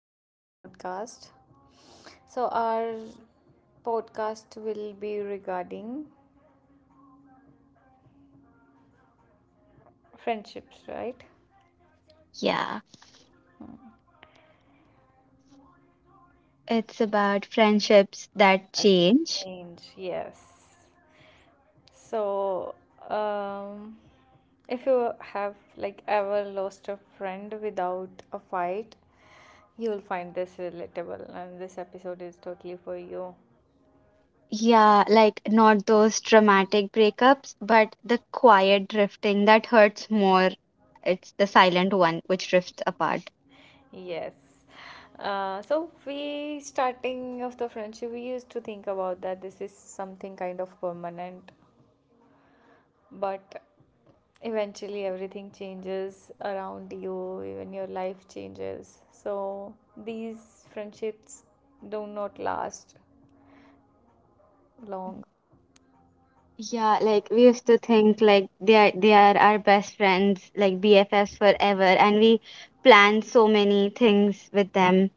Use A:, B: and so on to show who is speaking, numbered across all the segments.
A: to our podcast. So, our podcast will be regarding friendships, right?
B: Yeah, it's about friendships that change.
A: And yes. So, um, if you have like ever lost a friend without a fight, you'll find this relatable, and this episode is totally for you.
B: Yeah, like not those dramatic breakups, but the quiet drifting that hurts more. It's the silent one which drifts apart.
A: Yes. So we starting of the friendship, we used to think about that this is something kind of permanent, but eventually everything changes around you, even your life changes. So these friendships do not last long.
B: Yeah, like we used to think like they are our best friends, like BFFs forever, and we plan so many things with them.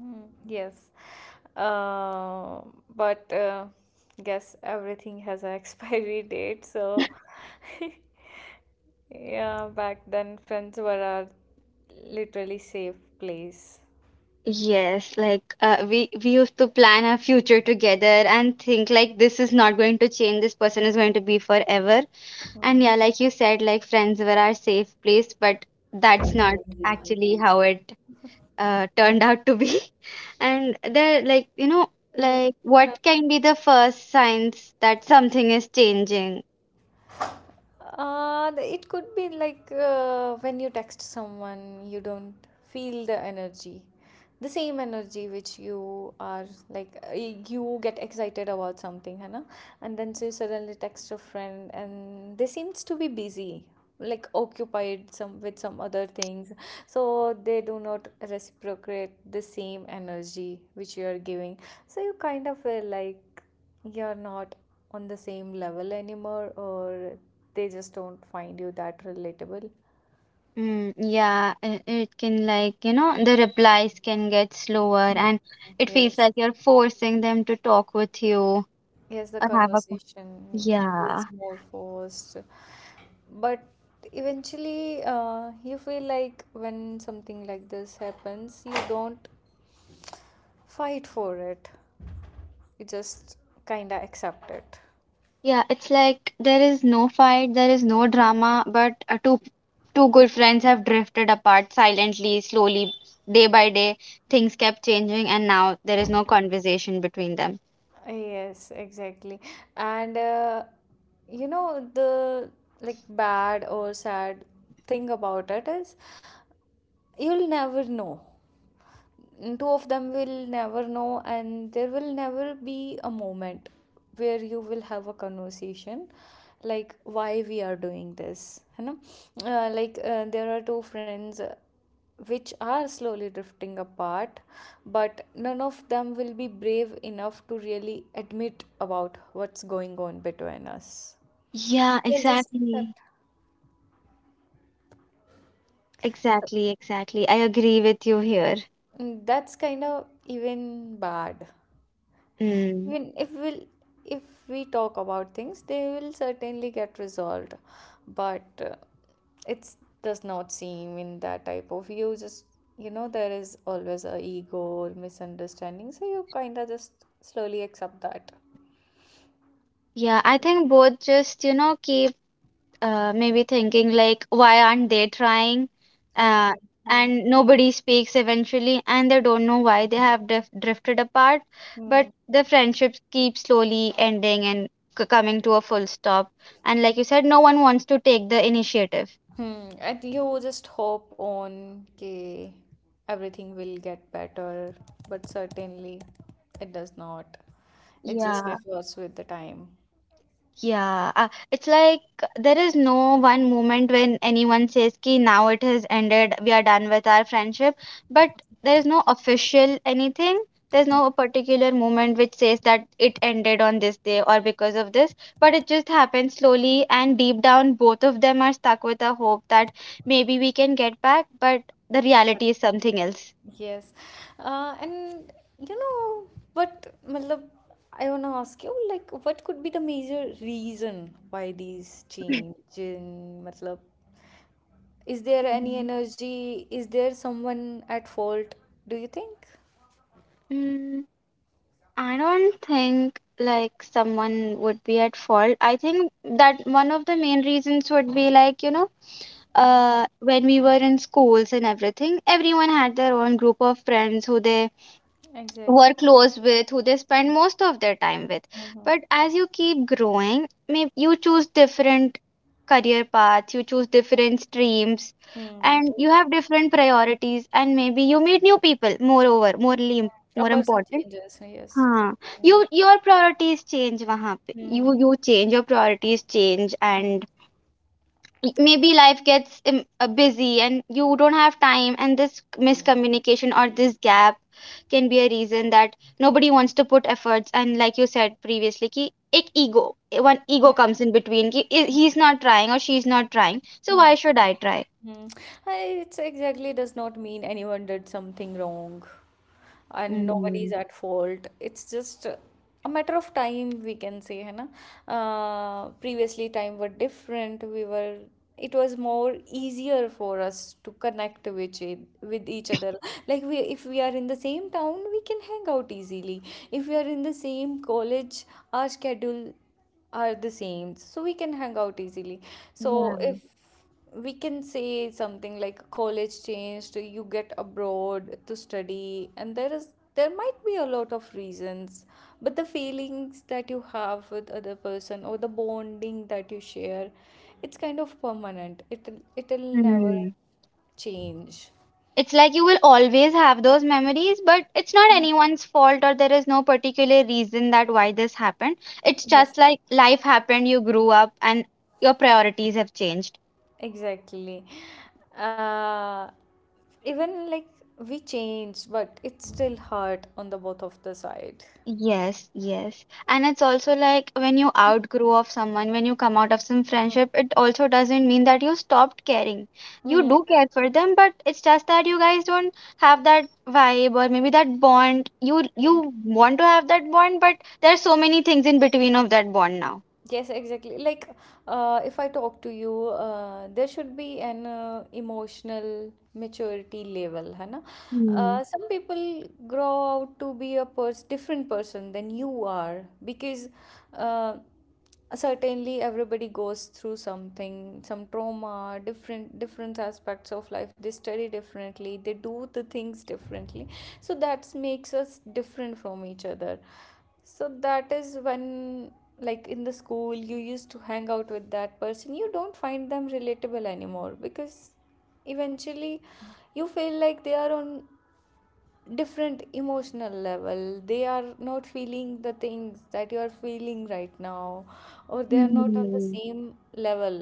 A: Mm, yes. Uh, but guess everything has an expiry date, so Yeah, back then friends were our literally safe place.
B: Yes, like we used to plan our future together and think like this is not going to change, this person is going to be forever. And
A: Hmm.
B: yeah, like you said, like friends were our safe place, but that's not actually how it turned out to be. And there,
A: Even
B: like
A: huh.
B: what can be the first signs that something is changing?
A: It could be like when you text someone, you don't feel the energy, the same energy which you are like you get excited about something, Hannah, and then so you suddenly text a friend and they seems to be busy like occupied some with some other things, so they do not reciprocate the same energy which you are giving, so you kind of feel like you're not on the same level anymore, or they just don't find you that relatable.
B: Mm, yeah, it can the replies can get slower
A: Mm.
B: and it feels
A: Yes.
B: like you're forcing them to talk with you or
A: Yes, the conversation
B: yeah.
A: feels more forced. But eventually you feel like when something like this happens, you don't fight for it. We just kinda accept it.
B: Yeah, it's like there is no fight, there is no drama, but two good friends have drifted apart silently, slowly, day by day. Things kept changing, and now there is no conversation between them.
A: Yes, exactly. And you know, the like bad or sad thing about it is you'll never know. Two of them will never know, and there will never be a moment where you will have a conversation like why we are doing this, you know. Like there are two friends which are slowly drifting apart, but none of them will be brave enough to really admit about what's going on between us.
B: Yeah,
A: Yep.
B: exactly. Exactly, exactly. I agree with you here.
A: That's kind of even bad.
B: Mm.
A: Even if we talk about things, they will certainly get resolved. But it does not seem in that type of. You just, you know, there is always a ego or misunderstanding, so you kind of just slowly accept that.
B: Yeah, I think both just, keep maybe thinking like why aren't they trying uh,
A: Yeah. Hmm.
B: and nobody speaks eventually and they don't know why they have drifted apart, but
A: Hmm.
B: the friendships keep slowly ending and coming to a full stop, and like you said, no one wants to take the initiative,
A: Hmm. And you just hope on that everything will get better, but certainly it does not. It just
B: yeah.
A: gets worse with the time.
B: Yeah, it's like there is no one moment when anyone says ki now it has ended, we are done with our friendship, but there is no official anything. There's no particular moment which says that it ended on this day or because of this, but it just happens slowly and deep down both of them are stuck with a hope that maybe we can get back, but the reality is something else.
A: Yes. And you know but matlab, I wanna ask you, like, what could be the major reason why these change in, matlab, is there any
B: Mm.
A: energy? Is there someone at fault? Do you think?
B: Mm. I don't think like someone would be at fault. I think that one of the main reasons would be like,
A: Mm,
B: when we were in schools and everything, everyone had their own group of friends who they
A: exactly.
B: were close with, who they spend most of their time with.
A: Mm-hmm.
B: But as you keep growing, maybe you choose different career paths, you choose different streams,
A: Hmm.
B: and you
A: Exactly.
B: have different priorities, and maybe you meet new people, moreover, more,
A: A
B: more
A: person
B: important.
A: changes. Yes.
B: हाँ,
A: Mm.
B: your priorities change वहाँ पे you
A: Mm.
B: you change, your priorities change, and maybe life gets busy and you don't have time, and this miscommunication or this gap can be a reason that nobody wants to put efforts, and like you said previously कि एक ego, one
A: Mm.
B: ego
A: Mm.
B: comes in between कि he's not trying or she's not trying, so why
A: Mm.
B: should I try?
A: Mm. It's exactly does not mean anyone did something wrong. And nobody's
B: Mm.
A: at fault. It's just a matter of time, we can say, है ना? Previously, time were different. We were it was more easier for us to connect with each other. Like, we, if we are in the same town, we can hang out easily. If we are in the same college, our schedule are the same, so we can hang out easily. So
B: Yeah.
A: if we can say something like college changed, you get abroad to study, and there is there might be a lot of reasons. But the feelings that you have with other person, or the bonding that you share, it's kind of permanent. It it'll never
B: Hmm.
A: change.
B: It's like you will always have those memories, but it's not
A: Um,
B: anyone's fault, or there is no particular reason that why this happened. It's just
A: yes.
B: like life happened, you grew up, and your priorities have changed.
A: Exactly. uh Even like we change, but it's still hurt on the both of the side.
B: Yes, yes, and it's also like when you outgrow of someone, when you come out of some
A: Mm.
B: friendship, it also doesn't mean that you stopped caring. You
A: Hmm, it
B: do
A: is.
B: care for them, but it's just that you guys don't have that vibe, or maybe that bond. you
A: Mm.
B: you want to have that bond, but there are so many things in between of that bond now.
A: Yes, exactly. Like, if I talk to you, there should be an emotional maturity level, है ना?
B: Hmm.
A: Some people grow out to be a pers different person than you are, because uh, certainly everybody goes through something, some trauma, different aspects of life. They study differently, they do the things differently. So that makes us different from each other. So that is when, like in the school, you used to hang out with that person. You don't find them relatable anymore, because eventually you feel like they are on different emotional level. They are not feeling the things that you are feeling right now, or they are not on the
B: Hmm.
A: same level.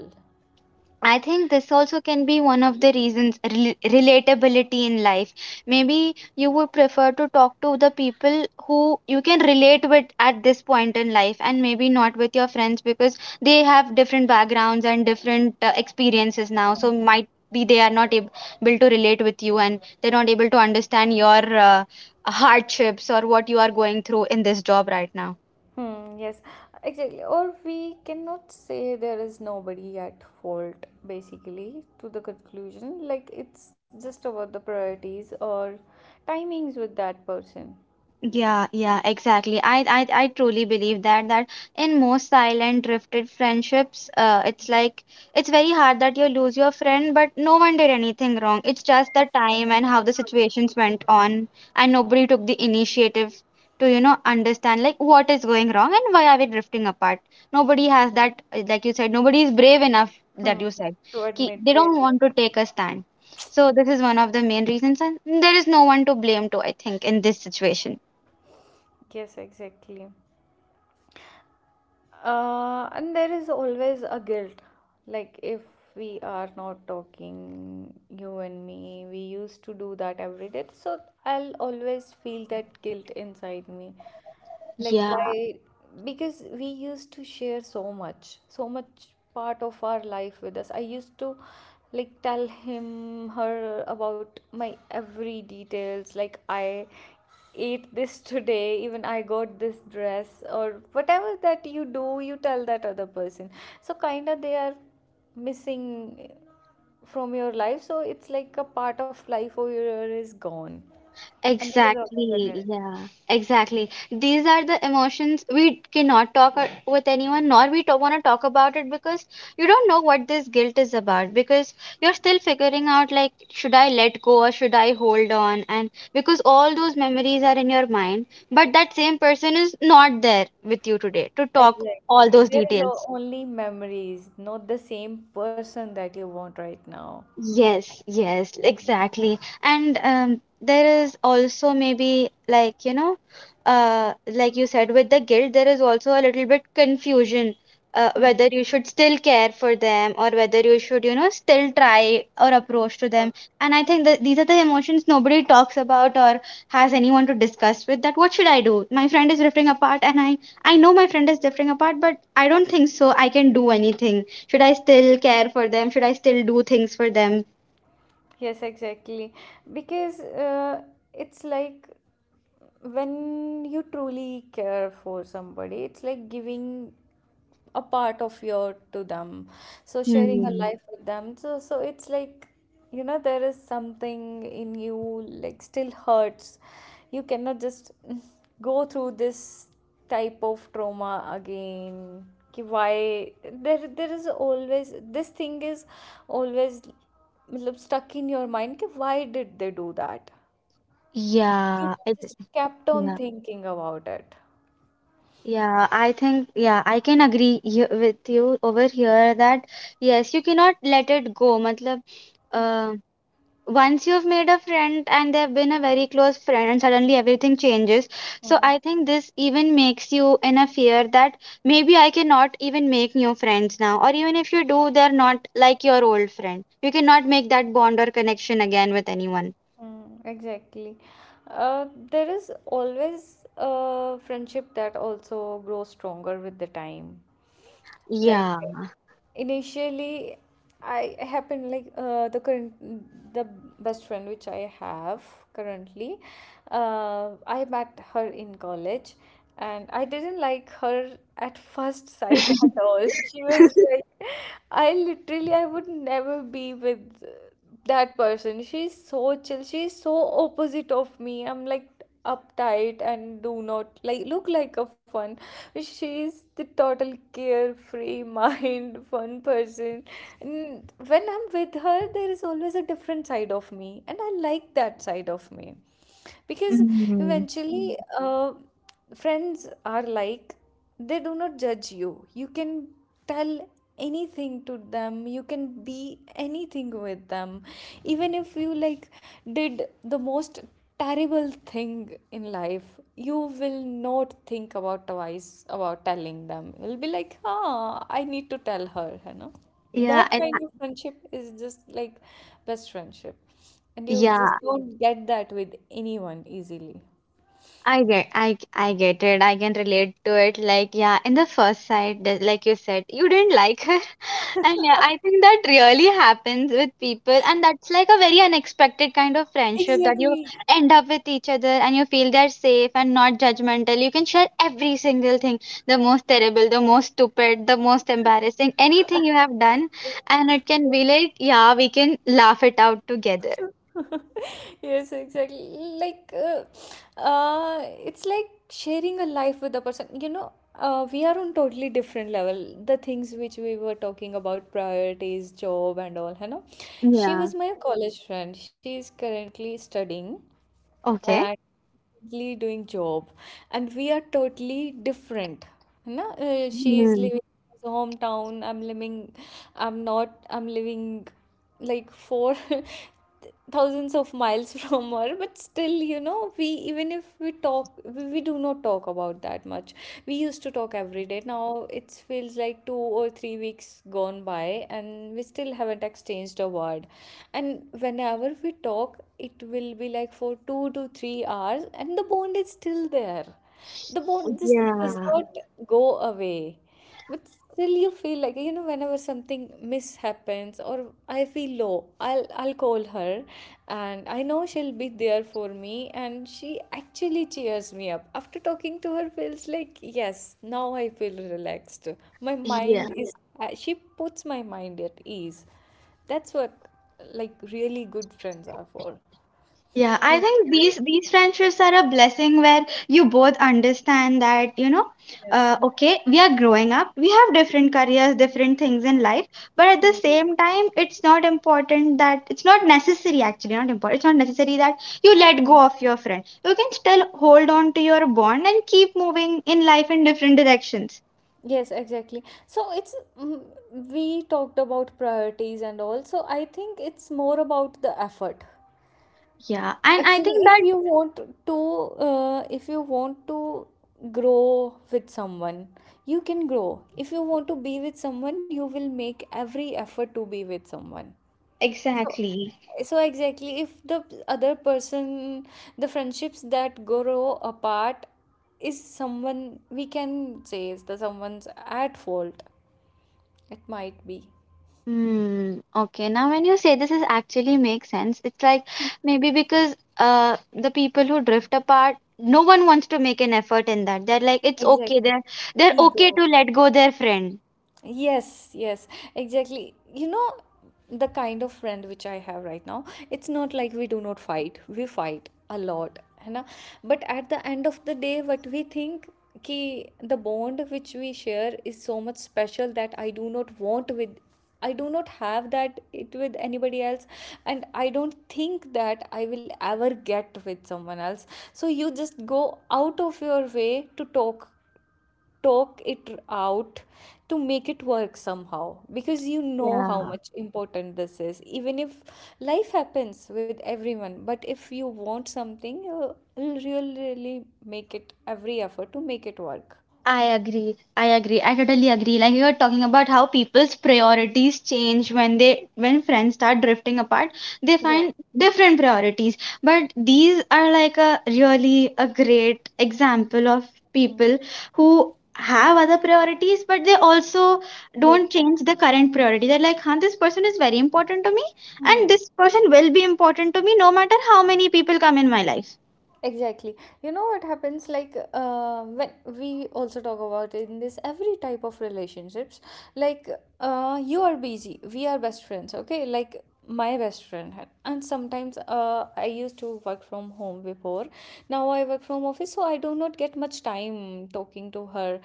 B: I think this also can be one of the reasons, relatability in life. Maybe you would prefer to talk to the people who you can relate with at this point in life, and maybe not with your friends because they have different backgrounds and different experiences now. So might be they are not able to relate with you, and they're not able to understand your uh, hardships or what you are going through in this job right now.
A: Hmm, yes, exactly. Or we cannot say there is nobody at fault, basically, to the conclusion. Like, it's just about the priorities or timings with that person.
B: Yeah, yeah, exactly. I truly believe that that in most silent drifted friendships, it's like it's very hard that you lose your friend, but no one did anything wrong. It's just the time and how the situations went on, and nobody took the initiative to, you know, understand like what is going wrong and why are we drifting apart. Nobody has that, like you said, nobody is brave enough
A: Hmm,
B: that you said.
A: to admit,
B: They don't
A: really.
B: want to take a stand. So this is one of the main reasons, and there is no one to blame to, I think, in this situation.
A: Yes, exactly. And there is always a guilt. Like, if we are not talking, you and me, we used to do that every day. So, I'll always feel that guilt inside me. Like,
B: Yeah,
A: why, because we used to share so much part of our life with us. I used to like tell him her about my every details, like I ate this today, even I got this dress or whatever that you do, you tell that other person. So kind of they are missing from your life, so it's like a part of life over here is gone. And there is always a
B: exactly. Yeah, exactly. These are the emotions we cannot talk with anyone, nor we want to talk about it because you don't know what this guilt is about. Because you're still figuring out, like, should I let go or should I hold on? And because all those memories are in your mind, but that same person is not there with you today to talk all
A: Exactly.
B: those
A: There is o-
B: details.
A: only memories, not the same person that you want right now.
B: Yes, yes, exactly. And there is also maybe like, like you said, with the guilt, there is also a little bit confusion
A: Hmm.
B: whether you should still care for them, or whether you should, you know, still try or approach to them. And I think that these are the emotions nobody talks about, or has anyone to discuss with that what should I do? My friend is drifting apart, and I know my friend is drifting apart, but I don't think so I can do anything. Should I still care for them? Should I still do things for them?
A: Yes, exactly. Because it's like when you truly care for somebody, it's like giving a part of your to them. So sharing a
B: Hmm.
A: life with them, so it's like, you know, there is something in you like still hurts. You cannot just go through this type of trauma again. Ki why, there is always this thing is always मतलब, stuck in your mind कि why did they do that? You
B: Yeah, it,
A: just kept on
B: yeah,
A: thinking about it.
B: yeah. I think, yeah, I can agree with you over here that yes, you cannot let it go. Matlab, uh, once you've made a friend and they've been a very close friend, and suddenly everything changes. So
A: Hmm.
B: I think this even makes you in a fear that maybe I cannot even make new friends now, or even if you do, they're not like your old friend. You cannot make that bond or connection again with anyone.
A: Mm, exactly. There is always a friendship that also grows stronger with the time. Like,
B: Yeah.
A: initially, I happen like the best friend which I have currently. I met her in college, and I didn't like her at first sight at all. She was like, I literally, I would never be with that person. She's so chill. She's so opposite of me. I'm like uptight and do not like look like a fun. She's the total carefree mind, fun person. And when I'm with her, there is always a different side of me, and I like that side of me, because
B: Mm.
A: eventually friends are like they do not judge You can tell anything to them. You can be anything with them, even if you like did the most terrible thing in life. You will not think about twice about telling them. You'll be like, I need to tell her, you know.
B: Yeah,
A: That
B: I, I-
A: kind of friendship is just like best friendship, and you just
B: yeah,
A: don't get that with anyone easily.
B: I get, I get it. I can relate to it. Like, yeah, in the first sight, like you said, you didn't like her. And yeah, I think that really happens with people, and that's like a very unexpected kind of friendship that you
A: Exactly.
B: end up with each other, and you feel they're safe and not judgmental. You can share every single thing, the most terrible, the most stupid, the most embarrassing, anything you have done, and it can be like, yeah, we can laugh it out together.
A: Yes, exactly. Like, uh it's like sharing a life with a person, you know. We are on totally different level, the things which we were talking about, priorities, job and all, you know. She
B: Yeah.
A: was my college friend. She is currently studying,
B: Okay.
A: currently doing job, and we are totally different. No, she is
B: Hmm.
A: living in his hometown. I'm living i'm not i'm living like 4,000 miles from her, but still, you know, we even if we talk, we do not talk about that not that much. We used to talk every day. Now it feels like 2 or 3 weeks gone by, and we still haven't exchanged a word. And whenever we talk, it will be like for 2 to 3 hours, and the bond is still there. The bond just does Yeah.
B: Yeah.
A: not go away. But still you feel like, you know, whenever something mishappens or I feel low, I'll call her, and I know she'll be there for me, and she actually cheers me up. After talking to her feels like, yes, now I feel relaxed. My
B: Yeah.
A: mind Yes. is she puts my mind at ease. That's what like really good friends are for.
B: Yeah, I
A: Yeah. I
B: think
A: think
B: these friendships are a blessing where you both understand that,
A: Yes.
B: okay, we are growing up, we have different careers, different things in life, but at the
A: Hmm.
B: same time, it's not important that it's not necessary, actually, not important. It's not necessary that you let
A: Hmm.
B: go of your friend. You can still hold on to your bond and keep moving in life in different directions.
A: Yes, exactly. So it's we talked about priorities and all. So I think it's more about the effort.
B: Yeah, and I
A: Actually,
B: think
A: if
B: that
A: you want to, if you want to grow with someone, you can grow. If you want to be with someone, you will make every effort to be with someone. So
B: exactly.
A: so exactly, if the other person, the friendships that grow apart is someone, we can say is the someone's at fault, it might be.
B: Hmm. Okay. Now, when you say this is actually makes sense, it's like maybe because the people who drift apart, no one wants to make an effort in that. They're like, it's okay.
A: Exactly.
B: They're okay
A: Ego.
B: to let go their friend.
A: Yes, yes, exactly. You know, the kind of friend which I have right now, it's not like we do not fight. We fight a lot, है ना? But at the end of the day, what we think कि the bond which we share is so much special that I do not want with I do not have that it with anybody else, and I don't think that I will ever get with someone else. So you just go out of your way to talk it out to make it work somehow because you know how
B: Yeah.
A: much important this is, even if life happens with everyone. But if you want something, you will really really make it every effort to make it work.
B: I agree. I agree. I totally agree. Like you were talking about how people's priorities change when they when friends start drifting apart, they find
A: Yes.
B: different priorities. But these are like a really a great example of
A: Mm.
B: people who have other priorities, but they also don't
A: Make that.
B: change the current priority. They're like, huh, this person is very important to me, and
A: Hmm.
B: this person will be important to me no matter how many people come in my life.
A: Exactly. You know what happens, like when we also talk about in this every type of relationships. Like you are busy, we are best friends, okay. Like my best friend. And sometimes I used to work from home before. Now I work from office, so I do not get much time talking to her.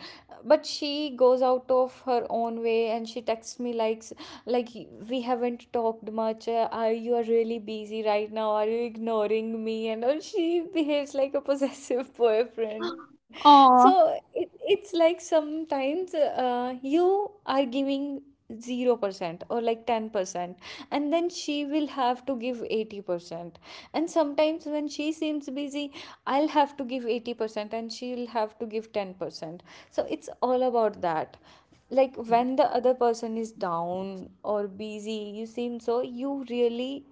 A: But she goes out of her own way and she texts me, like like we haven't talked much, are you are really busy right now, are you ignoring me and all. She behaves like a possessive boyfriend. So
B: Oh,
A: it's like sometimes you are giving 0% or like 10%, and then she will have to give 80%. And sometimes when she seems busy, I'll have to give 80% and she'll have to give 10%. So it's all about that. Like when the other person is down or busy, you seem so, you really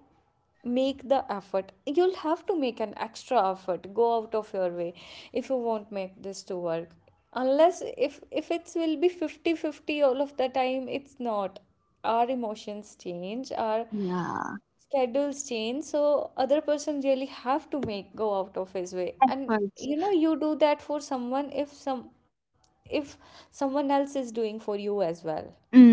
A: make the effort. You'll have to make an extra effort, go out of your way, if you won't make this to work. Unless, if it will be 50-50 all of the time, it's not. Our emotions change, our
B: yeah,
A: schedules change, so other person really have to make go out of his way. And
B: hurts.
A: you know, you do that for someone if some if someone else is doing for you as well.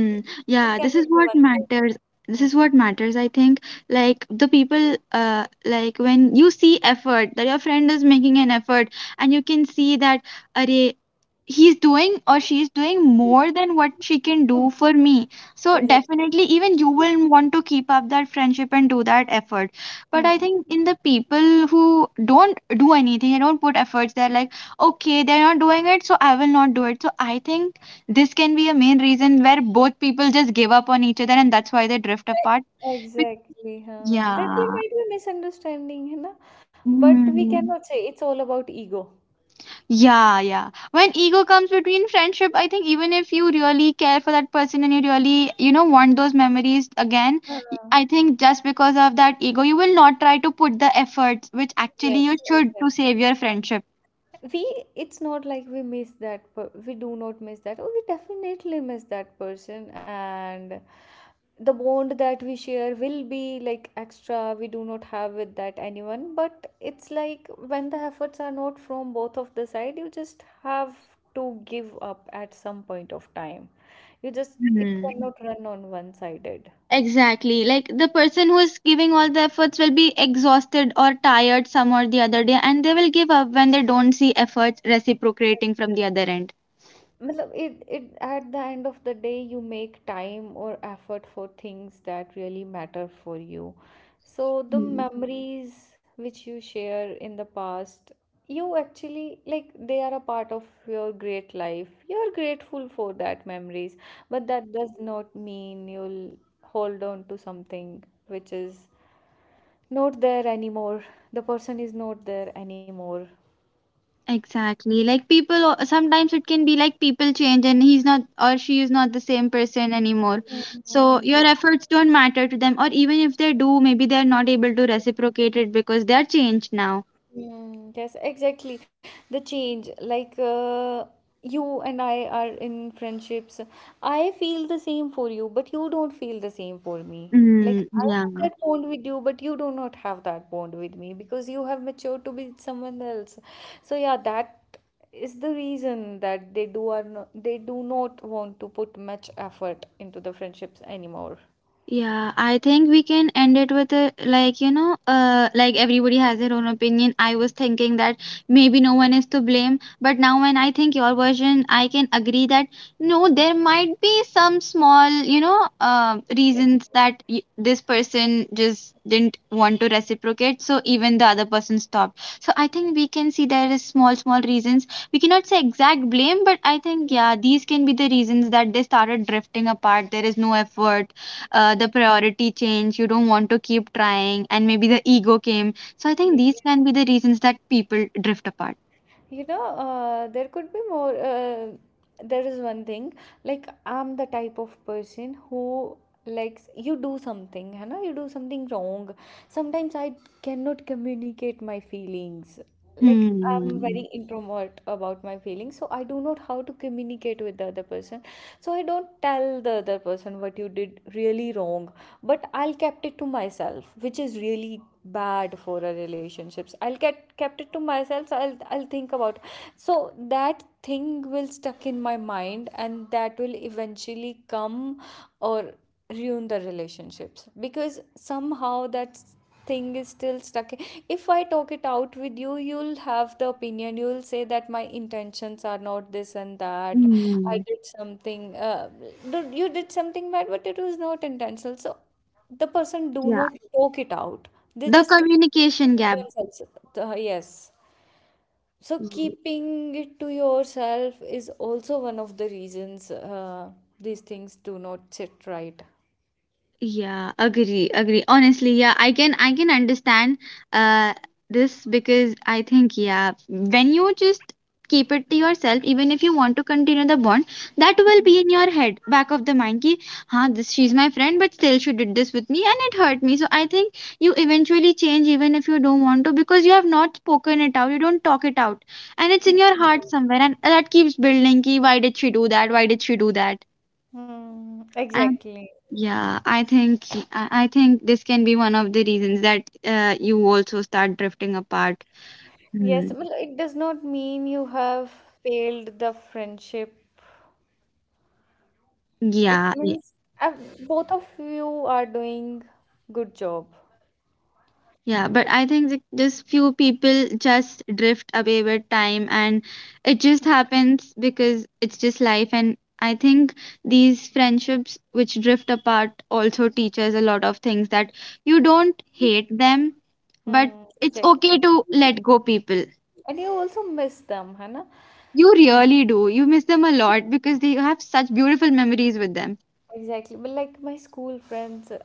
A: it, it
B: yeah, this is
A: cannot be
B: what matters. This
A: one
B: is what matters, I think. Like the people, like when you see effort, that your friend is making an effort, and you can see that, array, he's doing or she's doing more than what she can do
A: sided.
B: for me. So
A: Exactly.
B: definitely, even you will want to keep up that friendship and do that effort. But I
A: Hmm.
B: think in the people who don't do anything, they don't put efforts, they're like, okay, they're not doing it, so I will not do it. So I think this can be a main reason where both people just give up on each other, and that's why they drift
A: Right.
B: apart. Bec-
A: Exactly. Huh. That there
B: Yeah.
A: might be misunderstanding, है ना? But we, mhm,
B: Mm.
A: cannot say it's all about ego.
B: Yeah, yeah. When ego comes between friendship, I think even if you really care for that person, and you really, you know, want those memories again,
A: Uh,
B: I think just because of that ego, you will not try to put the efforts which actually you
A: Yes,
B: should to
A: exactly.
B: save your friendship.
A: we It's not like we miss that we do not miss that. Oh, we definitely miss that person, and the bond that we share will be like extra, we do not have with that anyone. But it's like, when the efforts are not from both of the side, you just have to give up at some point of time. You just it cannot run on one sided.
B: Exactly. Like the person who is giving all the efforts will be exhausted or tired some or the other day, and they will give up when they don't see efforts reciprocating from the other end.
A: Matlab, it, at the end of the day, you make time or effort for things that really matter for you. So the
B: Mm.
A: memories which you share in the past, you actually, like, they are a part of your great life. You are grateful for that memories, but that does not mean you'll hold on to something which is not there anymore. The person is not there anymore.
B: Exactly. Like people, sometimes it can be like people change and he's not or she is not the same person anymore. So
A: Mm.
B: your efforts don't matter to them, or even if they do, maybe they're not able to reciprocate it because they're changed now.
A: Mm, yes, exactly. The change, like you and I are in friendships. I feel the same for you, but you don't feel the same for me. Like
B: Mm,
A: I
B: yeah.
A: have that bond with you, but you do not have that bond with me, because you have matured to be with someone else. So yeah, that is the reason that they do are no, they do not want to put much effort into the friendships anymore.
B: Yeah, I think we can end it with a, like everybody has their own opinion. I was thinking that maybe no one is to blame, but now when I think your version, I can agree that no,
A: Mm.
B: there might be some small, reasons
A: Exactly.
B: that y this person just didn't want to reciprocate, so even the other person stopped. So I think we can see there is small, small reasons. We cannot say exact blame, but I think
A: Yeah,
B: yeah, these can be the reasons that they started drifting apart. There is no effort the priority change. You don't want to keep trying, and maybe the ego came. So I think
A: yes,
B: these
A: yes.
B: can be the reasons that people drift apart.
A: You know, there could be more. There is one thing. Like I'm the type of person who likes, you do something, hai na? You do something wrong, sometimes I cannot communicate my feelings. Like I'm very
B: Hmm.
A: introvert about my feelings, so I do not how to communicate with the other person. So I don't tell the other person what you did really wrong, but I'll kept it to myself, which is really bad for our relationships. I'll get kept it to myself, so I'll think about, so that thing will stuck in my mind, and that will eventually come or ruin the relationships, because somehow that thing is still stuck. If I talk it out with you, you'll have the opinion, you'll say that my intentions are not this and that, I
B: Hmm.
A: did something, you did something bad but it was not intentional. So the person do
B: Yeah.
A: not talk it out, they
B: The
A: just keep
B: communication
A: it
B: gap.
A: themselves. Yes, so
B: Hmm.
A: keeping it to yourself is also one of the reasons, these things do not sit right.
B: Yeah, agree, agree. Honestly, yeah, I can understand uh this because I think yeah, when you just keep it to yourself, even if you want to continue the bond, that will be in your head, back of the mind ki, huh, this she's my friend, but still she did this with me and it hurt me. So I think you eventually change even if you don't want to because you have not spoken it out, you don't talk it out. And it's in your heart somewhere and that keeps building ki, why did she do that? Why did she do that?
A: Hmm, exactly.
B: Yeah, I think I think this can be one of the reasons that you also start drifting apart.
A: Yes,
B: Hmm.
A: well, it does not mean you have failed the friendship. It
B: Yeah, yeah,
A: means, uh, both of you are doing good job.
B: yeah. But I think that just few people just drift away with time, and it just happens because it's just life. And I think these friendships which drift apart also teach us a lot of things that you don't hate them, but
A: Hmm,
B: it's
A: exactly.
B: okay to let go people.
A: And you also miss them, है ना?
B: You really do. You miss them a lot because they have such beautiful memories with them.
A: Exactly. But like my school friends,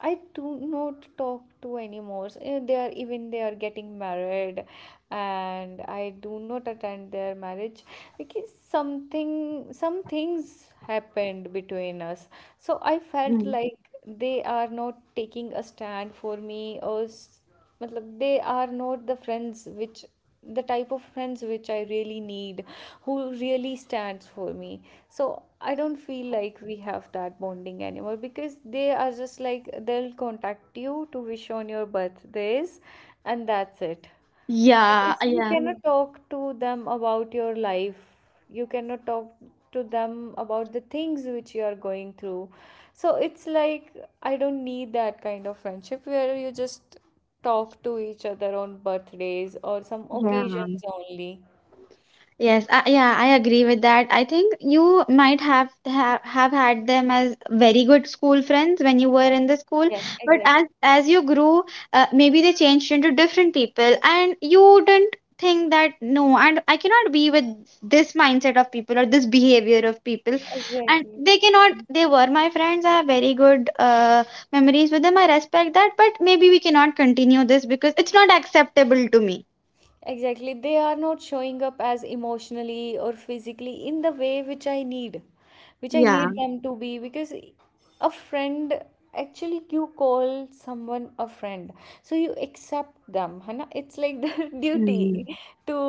A: i do not talk to anymore. So, they are, even they are getting married, and I do not attend their marriage because some things happened between us. So I felt
B: Mm.
A: like they are not taking a stand for me, matlab, they are not the friends which the type of friends which I really need, who really stands for me. So I don't feel like we have that bonding anymore, because they are just like, they'll contact you to wish on your birthdays and that's it.
B: Yeah,
A: Because you
B: yeah,
A: cannot talk to them about your life, you cannot talk to them about the things which you are going through. So it's like, I don't need that kind of friendship where you just talk to each other on birthdays or some
B: yeah.
A: occasions only.
B: Yes, yeah, I agree with that. I think you might have had them as very good school friends when you were in the school,
A: Yes,
B: but
A: exactly.
B: as you grew, maybe they changed into different people, and you didn't think that no, and I cannot be with this mindset of people or this behavior of people, and
A: Exactly.
B: they cannot. They were my friends. I have very good memories with them. I respect that, but maybe we cannot continue this because it's not acceptable to me.
A: Exactly. They are not showing up as emotionally or physically in the way which I need
B: Yeah.
A: them to be, because a friend, actually you call someone a friend. So you accept them. है ना? It's like their
B: Hmm.
A: duty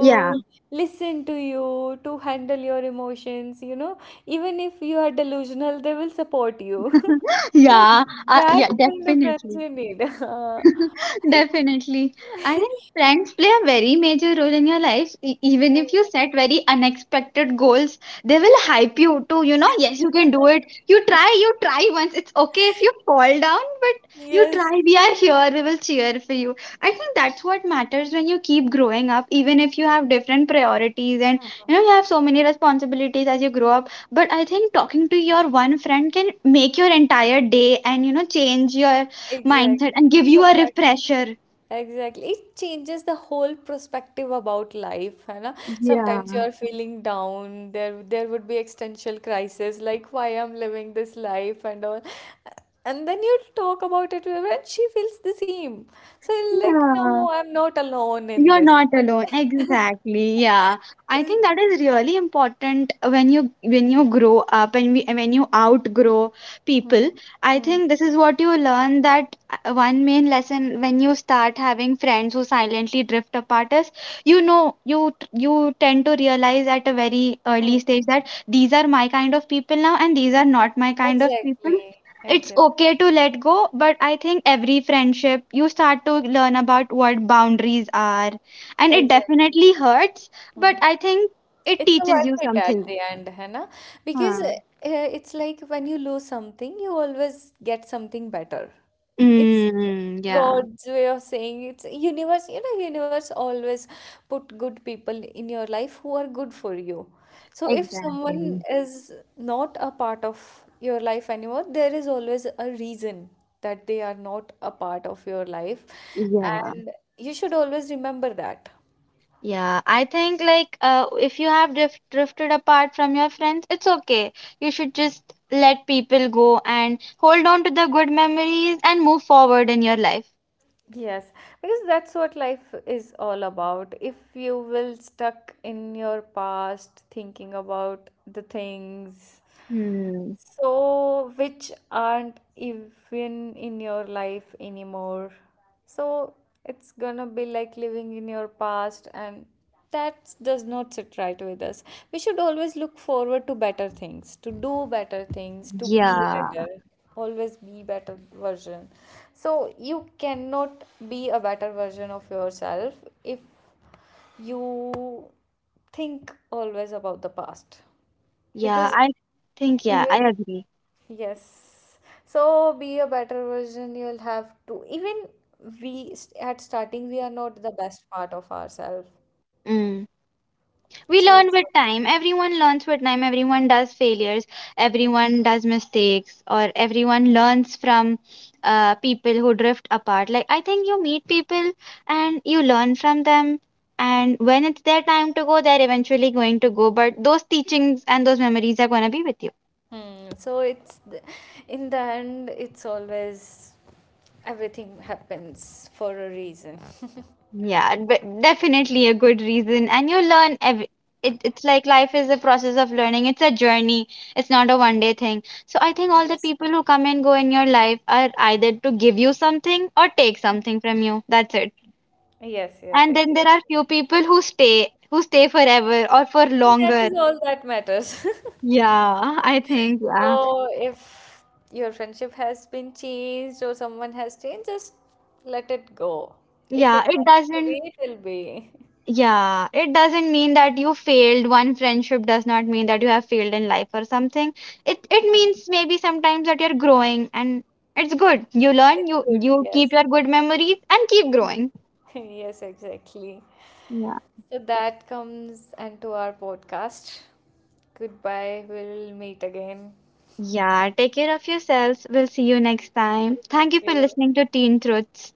B: Yeah.
A: listen to you, to handle your emotions. Even if you are delusional, they will support you. That
B: Yeah,
A: kind of friends
B: definitely.
A: you need.
B: Definitely. I think friends play a very major role in your life. Even if you
A: Exactly.
B: set very unexpected goals, they will hype you to, you know, yes, you can do it. You try once. It's okay if you fall down, but you
A: Yes.
B: try. We are here. We will cheer for you. I think that's what matters when you keep growing up, even if you have different priorities and,
A: Mhm.
B: you know, you have so many responsibilities as you grow up. But I think talking to your one friend can make your entire day and, you know, change your mindset
A: Exactly.
B: and give you a
A: Perspective.
B: refresher.
A: Exactly. It changes the whole perspective about life, है ना? Sometimes
B: Yeah.
A: you are feeling down. There would be existential crisis, like why I'm living this life and all. And then you talk about it with her and she feels the same. So you're like, no,
B: Yeah,
A: I'm not alone in
B: you're
A: this
B: not alone.
A: one.
B: Exactly. Yeah. I think that is really important when you grow up and we, when you outgrow people. I
A: Hmm,
B: think this is what you learn that one main lesson when you start having friends who silently drift apart is you know you tend to realize at a very
A: hmm.
B: early stage that these are my kind of people now and these are not my kind of people.
A: Exactly.
B: It's
A: Exactly.
B: okay to let go, but I think every friendship you start to learn about what boundaries are. And it
A: Exactly.
B: definitely hurts, but
A: Hmm.
B: I think it
A: It's a
B: teaches
A: worth
B: you
A: it at
B: something.
A: the end, है ना? Because
B: Huh.
A: it's like when you lose something, you always get something better. It's
B: Mm,
A: it's
B: yeah.
A: God's way of saying, it's universe, universe always put good people in your life who are good for you. So if someone
B: Exactly.
A: is not a part of your life anymore, there is always a reason that they are not a part of your life,
B: Yeah.
A: and you should always remember that.
B: Yeah, I think like if you have drifted apart from your friends, it's okay. You should just let people go and hold on to the good memories and move forward in your life.
A: Yes, because that's what life is all about. If you will stuck in your past thinking about the things,
B: Hmm.
A: so, which aren't even in your life anymore. So, it's gonna be like living in your past, and that does not sit right with us. We should always look forward to better things, to do better things, to be
B: Yeah.
A: better, always be better version. So, you cannot be a better version of yourself if you think always about the past,
B: Yeah,
A: because
B: I think, yeah, I
A: even,
B: agree.
A: yes. So be a better version. You'll have to. Even at starting, we are not the best part of ourselves.
B: Mm. We
A: So it's,
B: learn with time, everyone learns with time, everyone does failures, everyone does mistakes, or everyone learns from people who drift apart. Like I think you meet people and you learn from them, and when it's their time to go, they're eventually going to go, but those teachings and those memories are going to be with you.
A: hmm. So it's the, in the end, it's always, everything happens for a reason.
B: Yeah, but definitely a good reason. And you learn it's like life is a process of learning. It's a journey. It's not a one day thing. So I think all the
A: Yes.
B: people who come and go in your life are either to give you something or take something from you. That's it.
A: Yes. Yes.
B: And then
A: Exactly.
B: there are few people who stay forever or for
A: And that
B: longer.
A: is all that matters.
B: Yeah, I think yeah.
A: So if your friendship has been changed or someone has changed, just let it go. If
B: Yeah,
A: it
B: it
A: meant to
B: doesn't.
A: be, it will be.
B: Yeah, it doesn't mean that you failed. One friendship does not mean that you have failed in life or something. It means maybe sometimes that you're growing and it's good. You learn,
A: It's
B: you
A: good,
B: you keep
A: yes.
B: your good memories and keep growing.
A: Yes, exactly.
B: Yeah.
A: So that comes and to our podcast. Goodbye. We'll meet again.
B: Yeah, take care of yourselves. We'll see you next time. Thank you
A: Thank
B: for
A: you.
B: listening to Teen Truths.